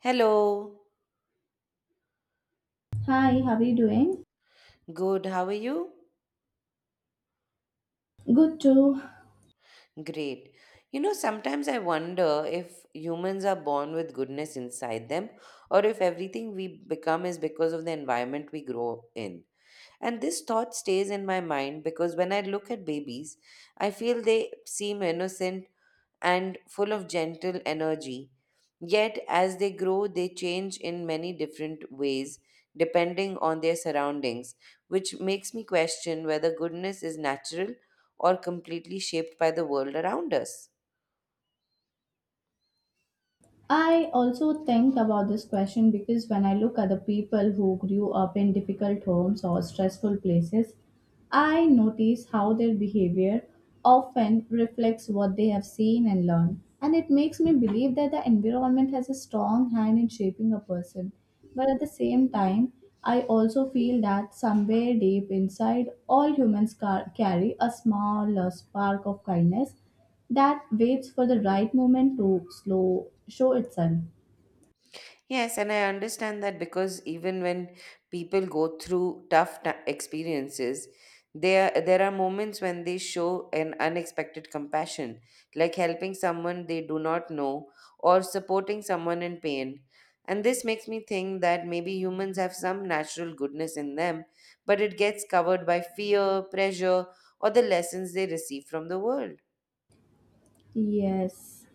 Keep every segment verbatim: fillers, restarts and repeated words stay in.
Hello. Hi, how are you doing? Good. How are you? Good too. Great. You know, sometimes I wonder if humans are born with goodness inside them or if everything we become is because of the environment we grow in. And this thought stays in my mind because when I look at babies, I feel they seem innocent and full of gentle energy. Yet, as they grow, they change in many different ways depending on their surroundings, which makes me question whether goodness is natural or completely shaped by the world around us. I also think about this question because when I look at the people who grew up in difficult homes or stressful places, I notice how their behavior often reflects what they have seen and learned. And it makes me believe that the environment has a strong hand in shaping a person. But at the same time, I also feel that somewhere deep inside, all humans car- carry a small uh, spark of kindness that waits for the right moment to slow show itself. Yes, and I understand that because even when people go through tough ti- experiences, there there are moments when they show an unexpected compassion, like helping someone they do not know or supporting someone in pain. And this makes me think that maybe humans have some natural goodness in them, but it gets covered by fear, pressure, or the lessons they receive from the world. Yes,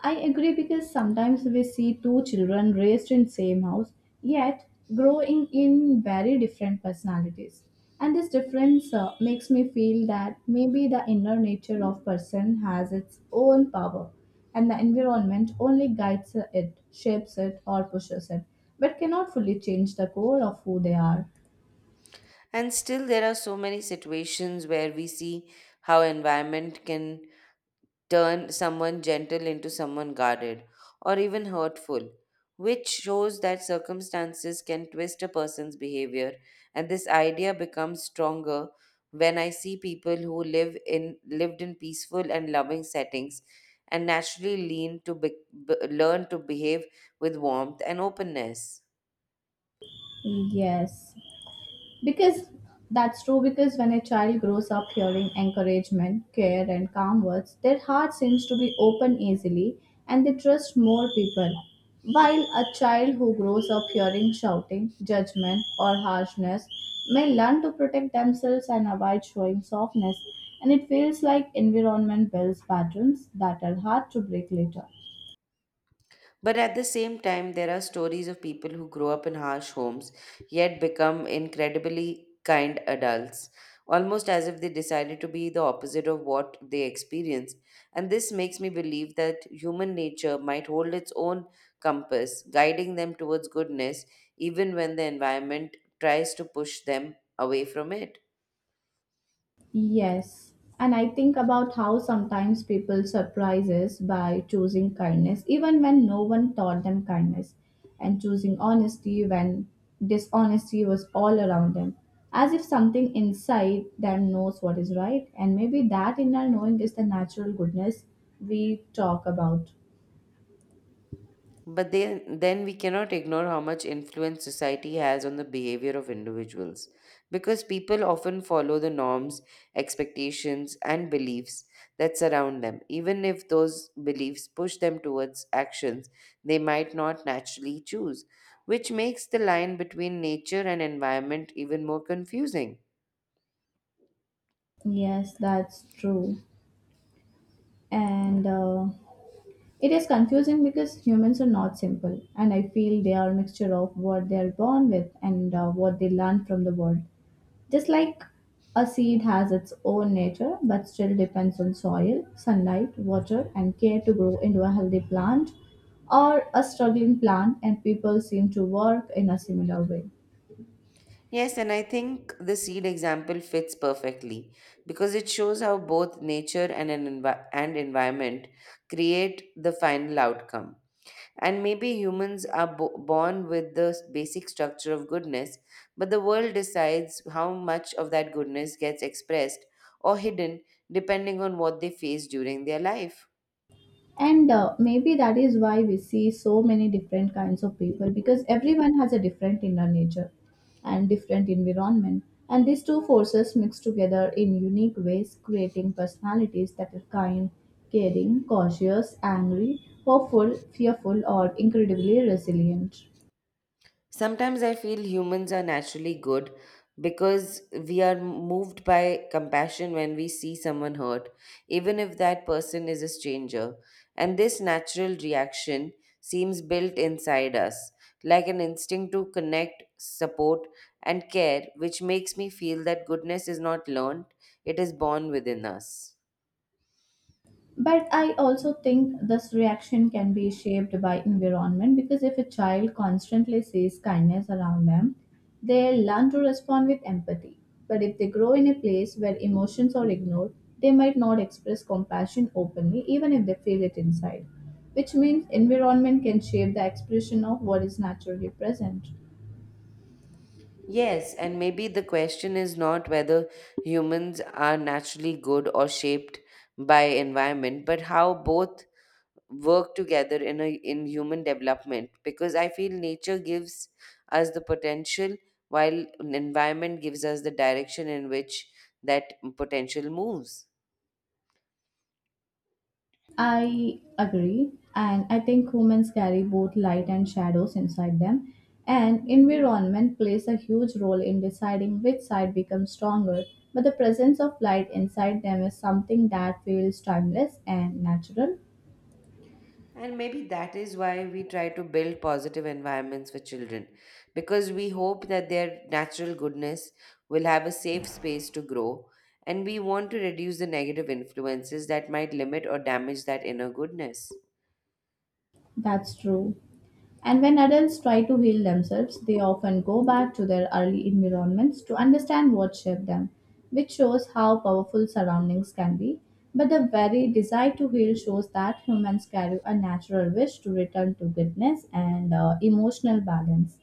I agree because sometimes we see two children raised in same house yet growing in very different personalities. And this difference uh, makes me feel that maybe the inner nature of person has its own power and the environment only guides it, shapes it or pushes it but cannot fully change the core of who they are. And still, there are so many situations where we see how environment can turn someone gentle into someone guarded or even hurtful, which shows that circumstances can twist a person's behavior. And this idea becomes stronger when I see people who live in lived in peaceful and loving settings and naturally lean to be, b- learn to behave with warmth and openness. Yes, Because that's true, because when a child grows up hearing encouragement, care, and calm words, their heart seems to be open easily and they trust more people. While a child who grows up hearing shouting, judgment, or harshness may learn to protect themselves and avoid showing softness, and it feels like environment builds patterns that are hard to break later. But at the same time, there are stories of people who grow up in harsh homes yet become incredibly kind adults, almost as if they decided to be the opposite of what they experience. And this makes me believe that human nature might hold its own compass, guiding them towards goodness, even when the environment tries to push them away from it. Yes. And I think about how sometimes people surprise us by choosing kindness, even when no one taught them kindness, and choosing honesty when dishonesty was all around them, as if something inside them knows what is right. And maybe that inner knowing is the natural goodness we talk about. But then, then we cannot ignore how much influence society has on the behavior of individuals. Because people often follow the norms, expectations, and beliefs that surround them, even if those beliefs push them towards actions they might not naturally choose, which makes the line between nature and environment even more confusing. Yes, that's true. And uh, It is confusing because humans are not simple, and I feel they are a mixture of what they are born with and uh, what they learn from the world. Just like a seed has its own nature but still depends on soil, sunlight, water, and care to grow into a healthy plant or a struggling plant, and people seem to work in a similar way. Yes, and I think the seed example fits perfectly because it shows how both nature and an envi- and environment create the final outcome. And maybe humans are bo- born with the s- basic structure of goodness, but the world decides how much of that goodness gets expressed or hidden depending on what they face during their life. And uh, maybe that is why we see so many different kinds of people because everyone has a different inner nature and different environment. And these two forces mix together in unique ways, creating personalities that are kind, caring, cautious, angry, hopeful, fearful, or incredibly resilient. Sometimes I feel humans are naturally good because we are moved by compassion when we see someone hurt, even if that person is a stranger. And this natural reaction seems built inside us, like an instinct to connect, support, and care, which makes me feel that goodness is not learned, it is born within us. But I also think this reaction can be shaped by environment because if a child constantly sees kindness around them, they learn to respond with empathy. But if they grow in a place where emotions are ignored, they might not express compassion openly, even if they feel it inside. Which means environment can shape the expression of what is naturally present. Yes, and maybe the question is not whether humans are naturally good or shaped by environment, but how both work together in a in human development. Because I feel nature gives us the potential, while an environment gives us the direction in which that potential moves. I agree, and I think humans carry both light and shadows inside them, and environment plays a huge role in deciding which side becomes stronger. But the presence of light inside them is something that feels timeless and natural. And maybe that is why we try to build positive environments for children, because we hope that their natural goodness will have a safe space to grow, and we want to reduce the negative influences that might limit or damage that inner goodness. That's true. And when adults try to heal themselves, they often go back to their early environments to understand what shaped them, which shows how powerful surroundings can be. But the very desire to heal shows that humans carry a natural wish to return to goodness and uh, emotional balance.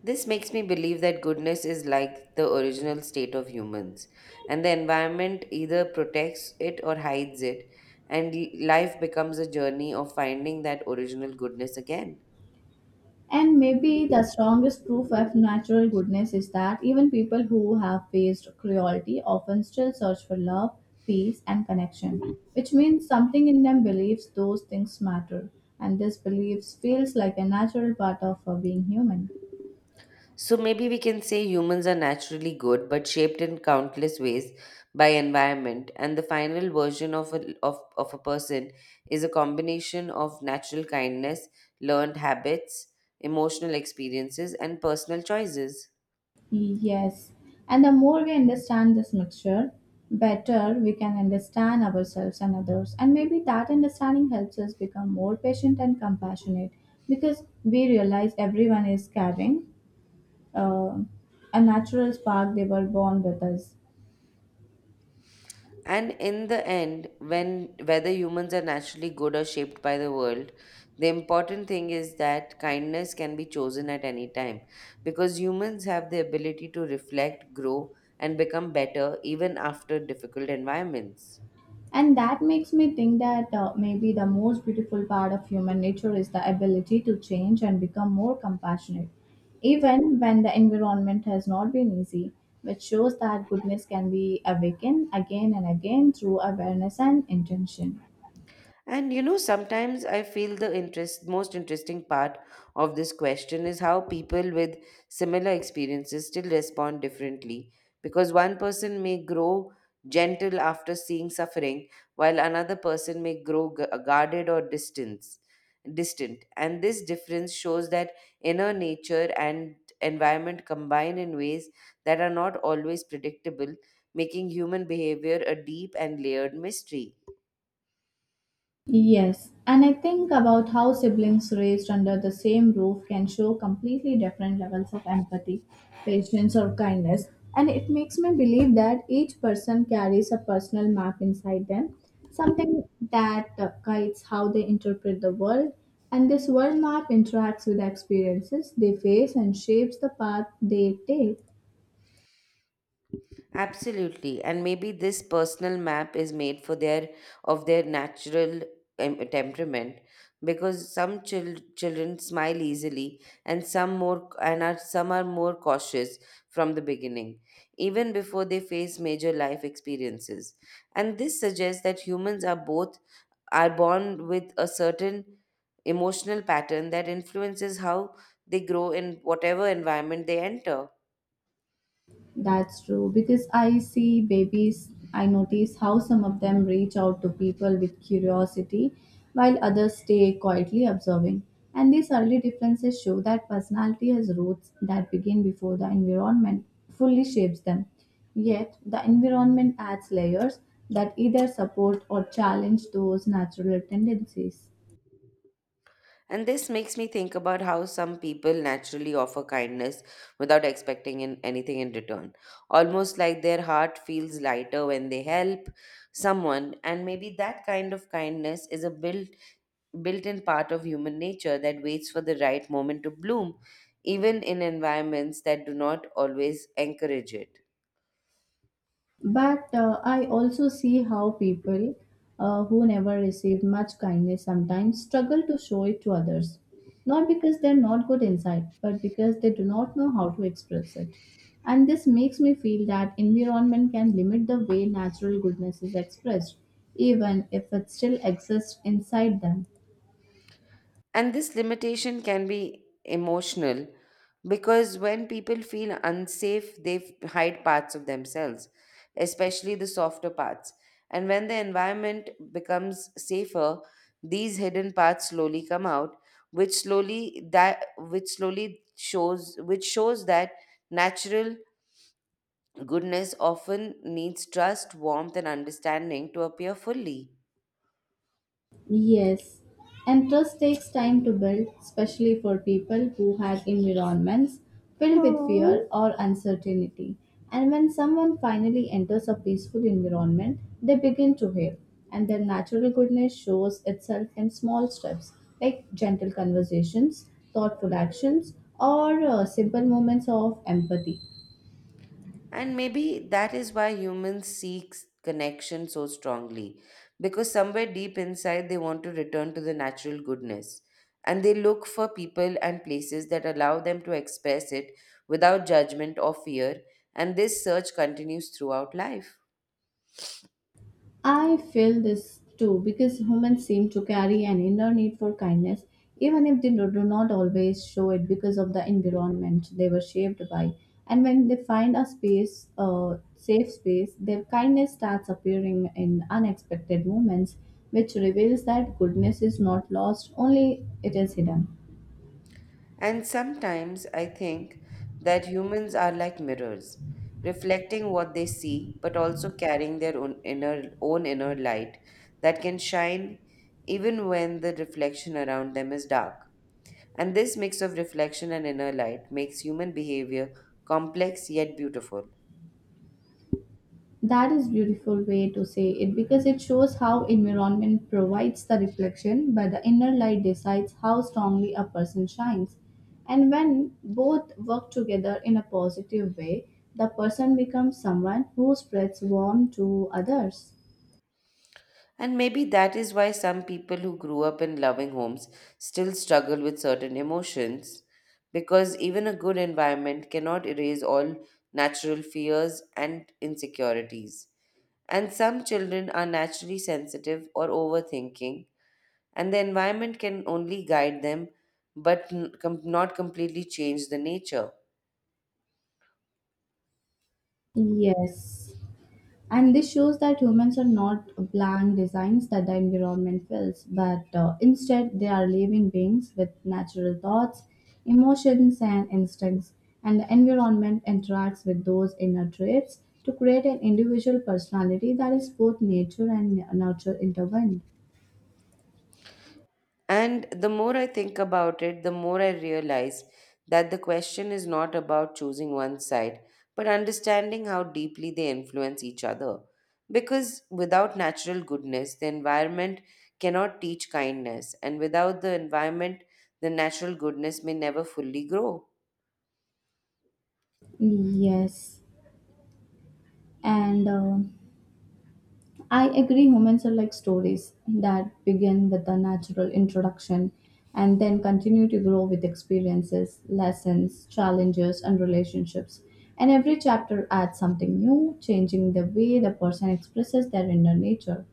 This makes me believe that goodness is like the original state of humans, and the environment either protects it or hides it, and life becomes a journey of finding that original goodness again. And maybe the strongest proof of natural goodness is that even people who have faced cruelty often still search for love, peace, and connection, which means something in them believes those things matter, and this belief feels like a natural part of uh, being human. So maybe we can say humans are naturally good, but shaped in countless ways by environment. And the final version of a, of, of a person is a combination of natural kindness, learned habits, emotional experiences, and personal choices. Yes, and the more we understand this mixture, better we can understand ourselves and others, and maybe that understanding helps us become more patient and compassionate because we realize everyone is carrying uh, a natural spark they were born with us, And in the end, when whether humans are naturally good or shaped by the world, the important thing is that kindness can be chosen at any time because humans have the ability to reflect, grow, and become better even after difficult environments. and that makes me think that uh, maybe the most beautiful part of human nature is the ability to change and become more compassionate even when the environment has not been easy, which shows that goodness can be awakened again and again through awareness and intention. And you know, sometimes I feel the interest, most interesting part of this question is how people with similar experiences still respond differently. Because one person may grow gentle after seeing suffering, while another person may grow gu- guarded or distance, distant. And this difference shows that inner nature and environment combine in ways that are not always predictable, making human behavior a deep and layered mystery. Yes, and I think about how siblings raised under the same roof can show completely different levels of empathy, patience, or kindness. And it makes me believe that each person carries a personal map inside them, something that uh, guides how they interpret the world. And this world map interacts with the experiences they face and shapes the path they take. Absolutely, and maybe this personal map is made for their of their natural em- temperament because some chil- children smile easily and some more and are some are more cautious from the beginning even before they face major life experiences, and this suggests that humans are both are born with a certain emotional pattern that influences how they grow in whatever environment they enter. That's true because I see babies, I notice how some of them reach out to people with curiosity while others stay quietly observing. And these early differences show that personality has roots that begin before the environment fully shapes them. Yet, the environment adds layers that either support or challenge those natural tendencies. And this makes me think about how some people naturally offer kindness without expecting in anything in return. Almost like their heart feels lighter when they help someone, and maybe that kind of kindness is a built built-in part of human nature that waits for the right moment to bloom, even in environments that do not always encourage it. But uh, I also see how people uh, who never receive much kindness sometimes struggle to show it to others. Not because they're not good inside, but because they do not know how to express it. And this makes me feel that environment can limit the way natural goodness is expressed, even if it still exists inside them. And this limitation can be emotional because when people feel unsafe, they f- hide parts of themselves, especially the softer parts. And when the environment becomes safer, these hidden parts slowly come out, which slowly that which slowly shows which shows that natural goodness often needs trust, warmth, and understanding to appear fully. Yes, and trust takes time to build, especially for people who had environments filled with Hmm. fear or uncertainty. And when someone finally enters a peaceful environment, they begin to heal, and their natural goodness shows itself in small steps like gentle conversations, thoughtful actions, or uh, simple moments of empathy. And maybe that is why humans seek connection so strongly, because somewhere deep inside they want to return to the natural goodness. And they look for people and places that allow them to express it without judgment or fear, and this search continues throughout life. I feel this too because humans seem to carry an inner need for kindness, even if they do do not always show it because of the environment they were shaped by. And when they find a space, a safe space, their kindness starts appearing in unexpected moments, which reveals that goodness is not lost, only it is hidden. And sometimes I think that humans are like mirrors, reflecting what they see, but also carrying their own inner, own inner light that can shine even when the reflection around them is dark. And this mix of reflection and inner light makes human behavior complex yet beautiful. That is beautiful way to say it because it shows how environment provides the reflection but the inner light decides how strongly a person shines. And when both work together in a positive way, the person becomes someone who spreads warmth to others. And maybe that is why some people who grew up in loving homes still struggle with certain emotions, because even a good environment cannot erase all natural fears and insecurities. And some children are naturally sensitive or overthinking, and the environment can only guide them but n- com- not completely change the nature. Yes. And this shows that humans are not blank designs that the environment fills, but uh, instead they are living beings with natural thoughts, emotions, and instincts. And the environment interacts with those inner traits to create an individual personality that is both nature and nurture intertwined. And the more I think about it, the more I realize that the question is not about choosing one side, but understanding how deeply they influence each other. Because without natural goodness, the environment cannot teach kindness, and without the environment, the natural goodness may never fully grow. Yes. And um I agree humans are like stories that begin with a natural introduction and then continue to grow with experiences, lessons, challenges, and relationships. And every chapter adds something new, changing the way the person expresses their inner nature.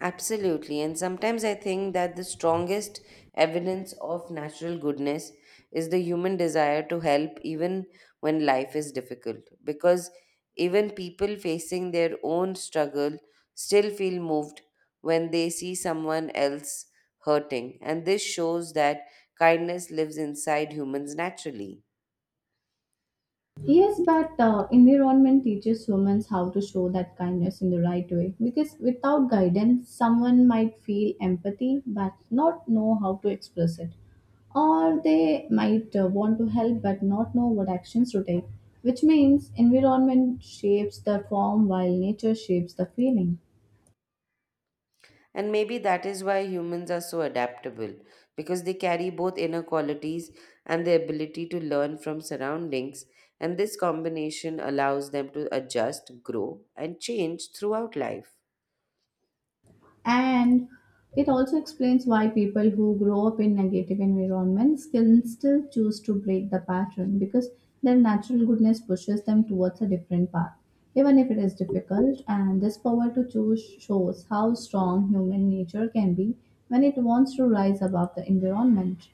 Absolutely. And sometimes I think that the strongest evidence of natural goodness is the human desire to help even when life is difficult. Because even people facing their own struggle still feel moved when they see someone else hurting. And this shows that kindness lives inside humans naturally. Yes, but uh, environment teaches humans how to show that kindness in the right way. Because without guidance, someone might feel empathy but not know how to express it. Or they might uh, want to help but not know what actions to take, which means environment shapes the form while nature shapes the feeling. And maybe that is why humans are so adaptable, because they carry both inner qualities and the ability to learn from surroundings, and this combination allows them to adjust, grow, and change throughout life. And it also explains why people who grow up in negative environments can still choose to break the pattern because their natural goodness pushes them towards a different path, even if it is difficult. And this power to choose shows how strong human nature can be when it wants to rise above the environment.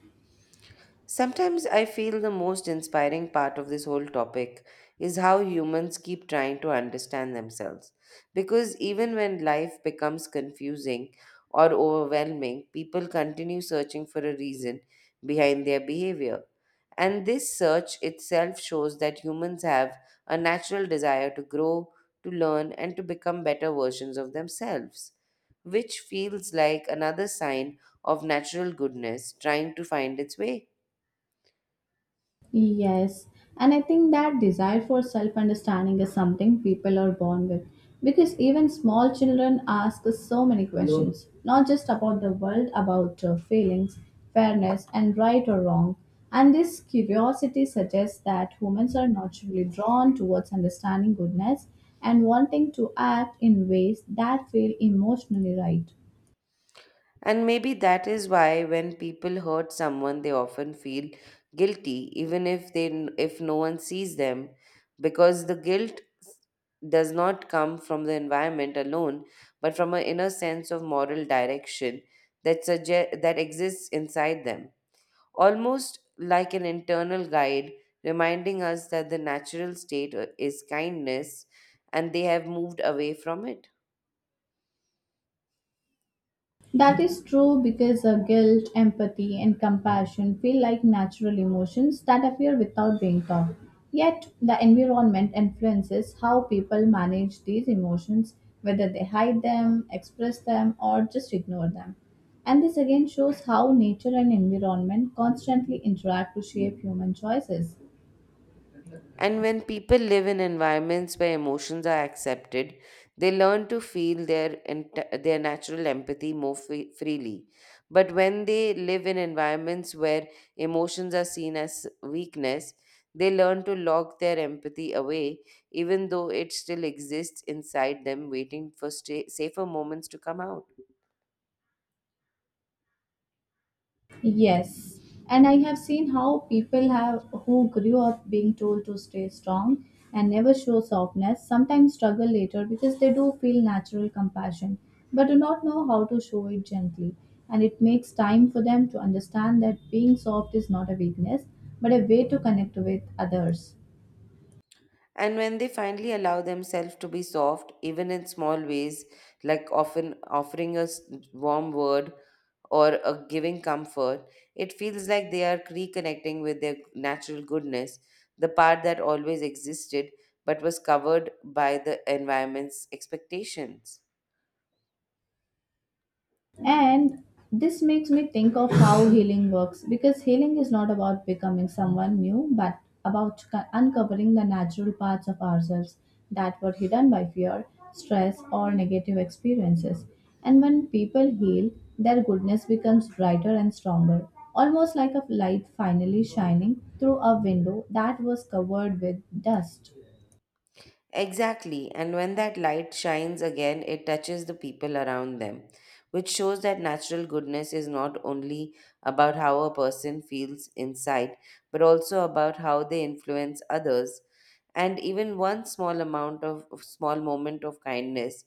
Sometimes I feel the most inspiring part of this whole topic is how humans keep trying to understand themselves. Because even when life becomes confusing or overwhelming, people continue searching for a reason behind their behavior. And this search itself shows that humans have a natural desire to grow, to learn, and to become better versions of themselves, which feels like another sign of natural goodness trying to find its way. Yes, and I think that desire for self understanding is something people are born with because even small children ask us so many questions, not just about the world, about uh, feelings, fairness, and right or wrong. And this curiosity suggests that humans are naturally drawn towards understanding goodness and wanting to act in ways that feel emotionally right. And maybe that is why when people hurt someone, they often feel guilty, even if they if no one sees them, because the guilt does not come from the environment alone, but from an inner sense of moral direction that suggest that exists inside them, almost like an internal guide reminding us that the natural state is kindness, and they have moved away from it. That is true because uh, guilt, empathy, and compassion feel like natural emotions that appear without being taught. Yet, the environment influences how people manage these emotions, whether they hide them, express them, or just ignore them. And this again shows how nature and environment constantly interact to shape human choices. And when people live in environments where emotions are accepted, they learn to feel their ent- their natural empathy more free- freely. But when they live in environments where emotions are seen as weakness, they learn to lock their empathy away, even though it still exists inside them, waiting for sta- safer moments to come out. Yes, and I have seen how people have who grew up being told to stay strong and never show softness sometimes struggle later because they do feel natural compassion but do not know how to show it gently. And it makes time for them to understand that being soft is not a weakness but a way to connect with others. And when they finally allow themselves to be soft, even in small ways, like often offering a s- warm word or a giving comfort, it feels like they are reconnecting with their natural goodness, the part that always existed but was covered by the environment's expectations. And this makes me think of how healing works because healing is not about becoming someone new, but about co- uncovering the natural parts of ourselves that were hidden by fear, stress, or negative experiences. And when people heal, their goodness becomes brighter and stronger, almost like a light finally shining through a window that was covered with dust. Exactly, and when that light shines again, it touches the people around them, which shows that natural goodness is not only about how a person feels inside, but also about how they influence others. And even one small amount of of small moment of kindness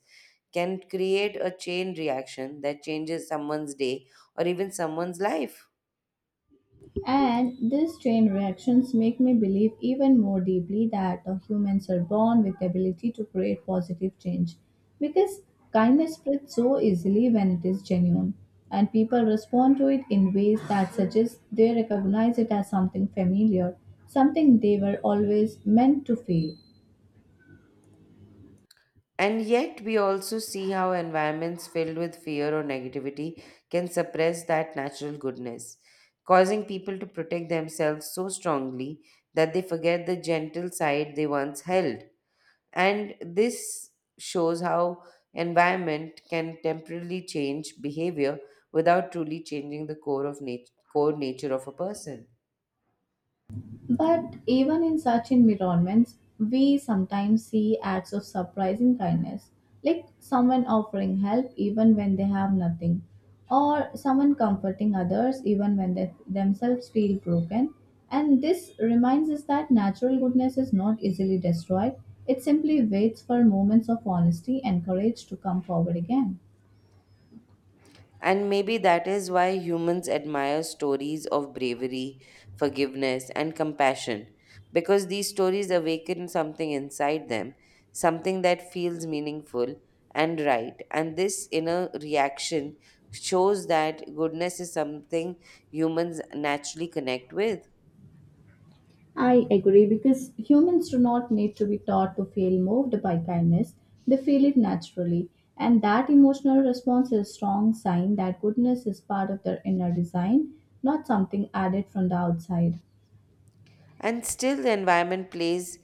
can create a chain reaction that changes someone's day or even someone's life. And these chain reactions make me believe even more deeply that uh, humans are born with the ability to create positive change because kindness spreads so easily when it is genuine, and people respond to it in ways that suggest they recognize it as something familiar, something they were always meant to feel. And yet, we also see how environments filled with fear or negativity can suppress that natural goodness, causing people to protect themselves so strongly that they forget the gentle side they once held. And this shows how environment can temporarily change behavior without truly changing the core of nat- core nature of a person. But even in such environments, we sometimes see acts of surprising kindness, like someone offering help even when they have nothing, or someone comforting others even when they themselves feel broken. And this reminds us that natural goodness is not easily destroyed, it simply waits for moments of honesty and courage to come forward again. And maybe that is why humans admire stories of bravery, forgiveness, and compassion, because these stories awaken something inside them, something that feels meaningful and right. And this inner reaction shows that goodness is something humans naturally connect with. Humans do not need to be taught to feel moved by kindness, they feel it naturally. And that emotional response is a strong sign that goodness is part of their inner design, not something added from the outside. And still, the environment plays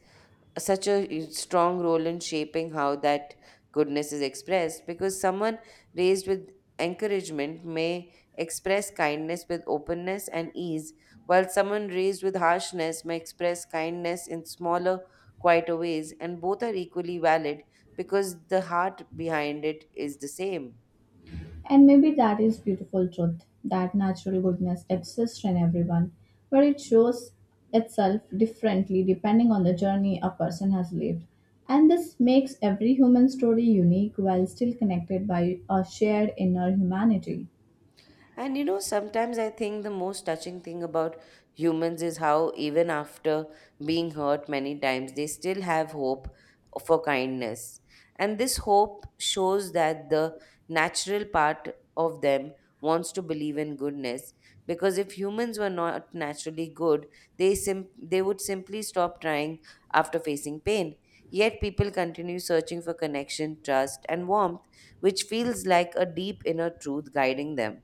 such a strong role in shaping how that goodness is expressed, because someone raised with encouragement may express kindness with openness and ease, while someone raised with harshness may express kindness in smaller, quieter ways, and both are equally valid because the heart behind it is the same. And maybe that is beautiful truth that natural goodness exists in everyone, but it shows itself differently depending on the journey a person has lived. And this makes every human story unique while still connected by a shared inner humanity. And you know, sometimes I think the most touching thing about humans is how, even after being hurt many times, they still have hope for kindness. And this hope shows that the natural part of them wants to believe in goodness, because if humans were not naturally good, they sim- they would simply stop trying after facing pain, yet people continue searching for connection, trust, and warmth, which feels like a deep inner truth guiding them.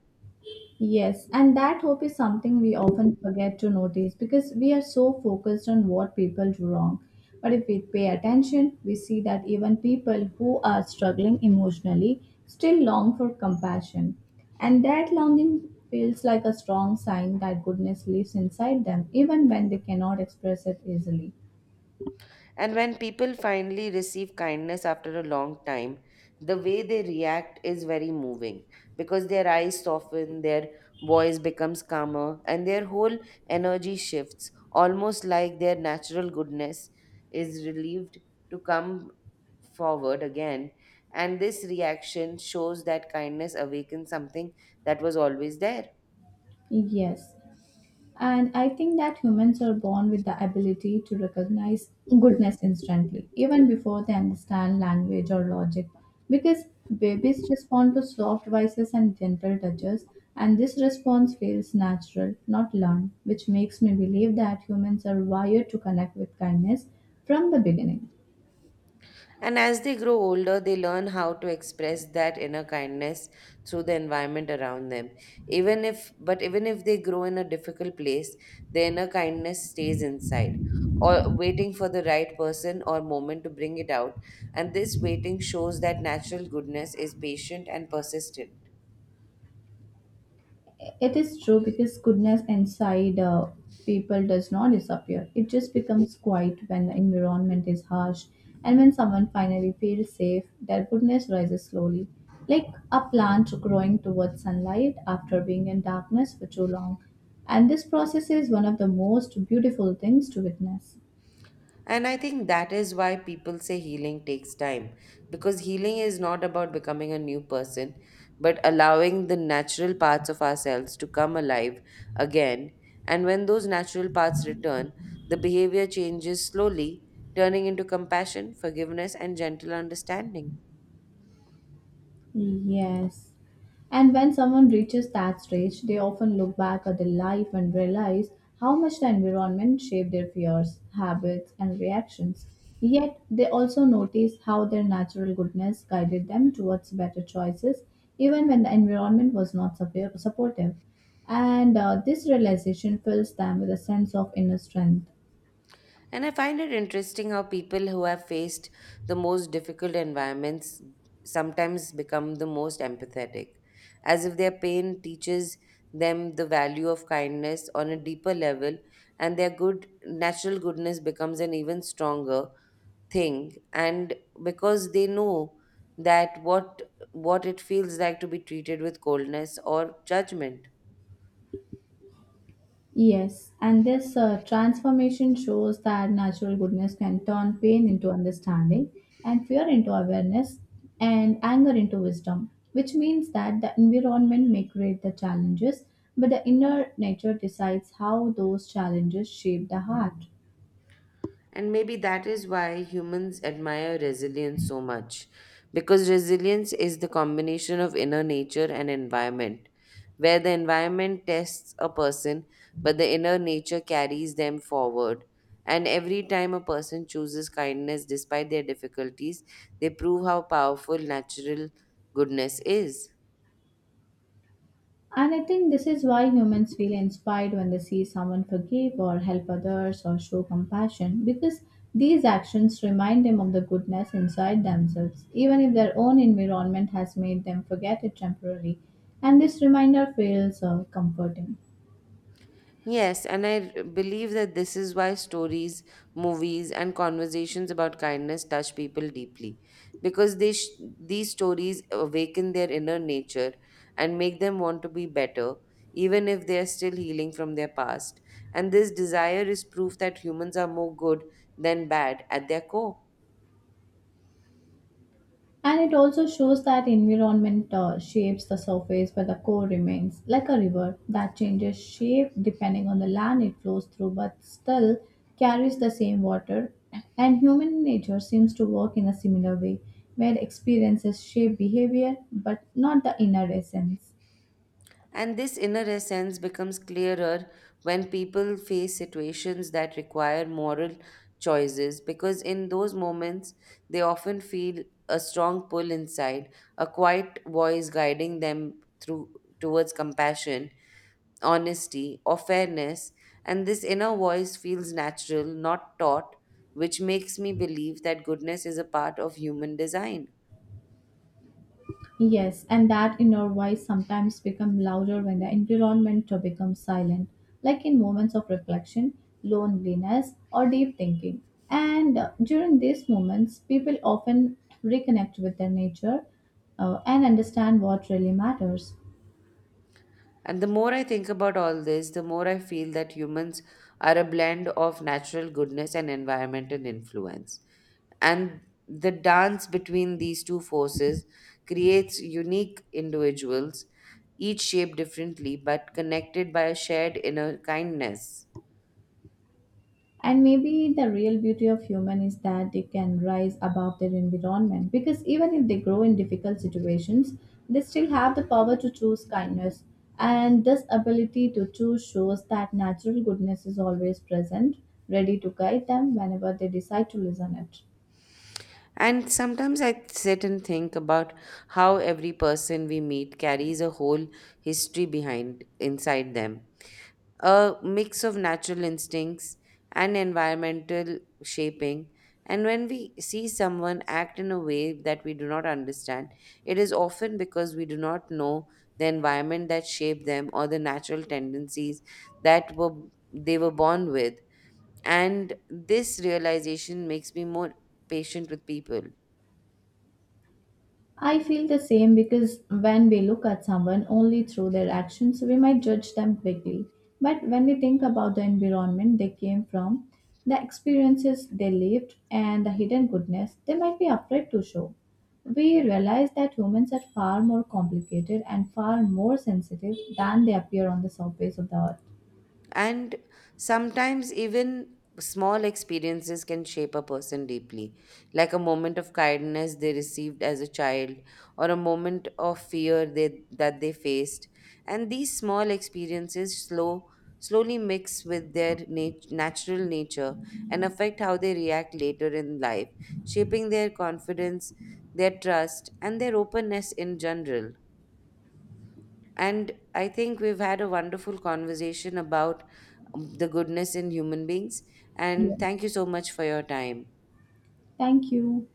Yes, and that hope is something we often forget to notice because we are so focused on what people do wrong. But if we pay attention, we see that even people who are struggling emotionally still long for compassion. And that longing feels like a strong sign that goodness lives inside them, even when they cannot express it easily. And when people finally receive kindness after a long time, the way they react is very moving, because their eyes soften, their voice becomes calmer, and their whole energy shifts, almost like their natural goodness is relieved to come forward again. And this reaction shows that kindness awakens something that was always there. Yes, and I think that humans are born with the ability to recognize goodness instantly, even before they understand language or logic, because babies respond to soft voices and gentle touches, and this response feels natural, not learned, which makes me believe that humans are wired to connect with kindness from the beginning. And as they grow older, they learn how to express that inner kindness through the environment around them. Even if, but even if they grow in a difficult place, their inner kindness stays inside, or waiting for the right person or moment to bring it out. And this waiting shows that natural goodness is patient and persistent. It is true because goodness inside uh, people does not disappear. It just becomes quiet when the environment is harsh and when someone finally feels safe, their goodness rises slowly. Like a plant growing towards sunlight after being in darkness for too long. And this process is one of the most beautiful things to witness. And I think that is why people say healing takes time, because healing is not about becoming a new person, but allowing the natural parts of ourselves to come alive again. And when those natural parts return, the behavior changes slowly, turning into compassion, forgiveness, and gentle understanding. Yes. And when someone reaches that stage, they often look back at their life and realize how much the environment shaped their fears, habits, and reactions. Yet, they also notice how their natural goodness guided them towards better choices, even when the environment was not suppo- supportive. And uh, this realization fills them with a sense of inner strength. And I find it interesting how people who have faced the most difficult environments sometimes become the most empathetic, as if their pain teaches them the value of kindness on a deeper level, and their good natural goodness becomes an even stronger thing. And because they know that what what it feels like to be treated with coldness or judgment. Yes, and this uh, transformation shows that natural goodness can turn pain into understanding and fear into awareness and anger into wisdom, which means that the environment may create the challenges, but the inner nature decides how those challenges shape the heart. And maybe that is why humans admire resilience so much, because resilience is the combination of inner nature and environment, where the environment tests a person, but the inner nature carries them forward. And every time a person chooses kindness despite their difficulties, they prove how powerful natural goodness is. And I think this is why humans feel inspired when they see someone forgive or help others or show compassion because these actions remind them of the goodness inside themselves, even if their own environment has made them forget it temporarily. And this reminder feels uh, comforting. Yes, and I r- believe that this is why stories, movies, and conversations about kindness touch people deeply, because they sh- these stories awaken their inner nature and make them want to be better, even if they are still healing from their past. And this desire is proof that humans are more good than bad at their core. And it also shows that environment uh, shapes the surface, but the core remains like a river that changes shape depending on the land it flows through, but still carries the same water. And human nature seems to work in a similar way, where experiences shape behavior, but not the inner essence. And this inner essence becomes clearer when people face situations that require moral choices, because in those moments they often feel a strong pull inside, a quiet voice guiding them through towards compassion, honesty, or fairness. And this inner voice feels natural, not taught, which makes me believe that goodness is a part of human design. Yes, and that inner voice sometimes becomes louder when the environment becomes silent, like in moments of reflection, loneliness, or deep thinking. And uh, during these moments, people often reconnect with their nature uh, and understand what really matters. And the more I think about all this, the more I feel that humans are a blend of natural goodness and environmental influence. And the dance between these two forces creates unique individuals, each shaped differently but connected by a shared inner kindness. And maybe the real beauty of human is that they can rise above their environment because even if they grow in difficult situations, they still have the power to choose kindness. And this ability to choose shows that natural goodness is always present, ready to guide them whenever they decide to listen it. And sometimes I sit and think about how every person we meet carries a whole history behind inside them, a mix of natural instincts and environmental shaping. And when we see someone act in a way that we do not understand, it is often because we do not know the environment that shaped them or the natural tendencies that were they were born with. And this realization makes me more patient with people. I feel the same because when we look at someone only through their actions, we might judge them quickly. But when we think about the environment they came from, the experiences they lived, and the hidden goodness they might be afraid to show, we realize that humans are far more complicated and far more sensitive than they appear on the surface of the earth. And sometimes even small experiences can shape a person deeply, like a moment of kindness they received as a child, or a moment of fear they, that they faced. And these small experiences slow, slowly mix with their nat- natural nature and affect how they react later in life, shaping their confidence, their trust, and their openness in general. And I think we've had a wonderful conversation about um, the goodness in human beings. And thank you Yes. so much for your time. Thank you.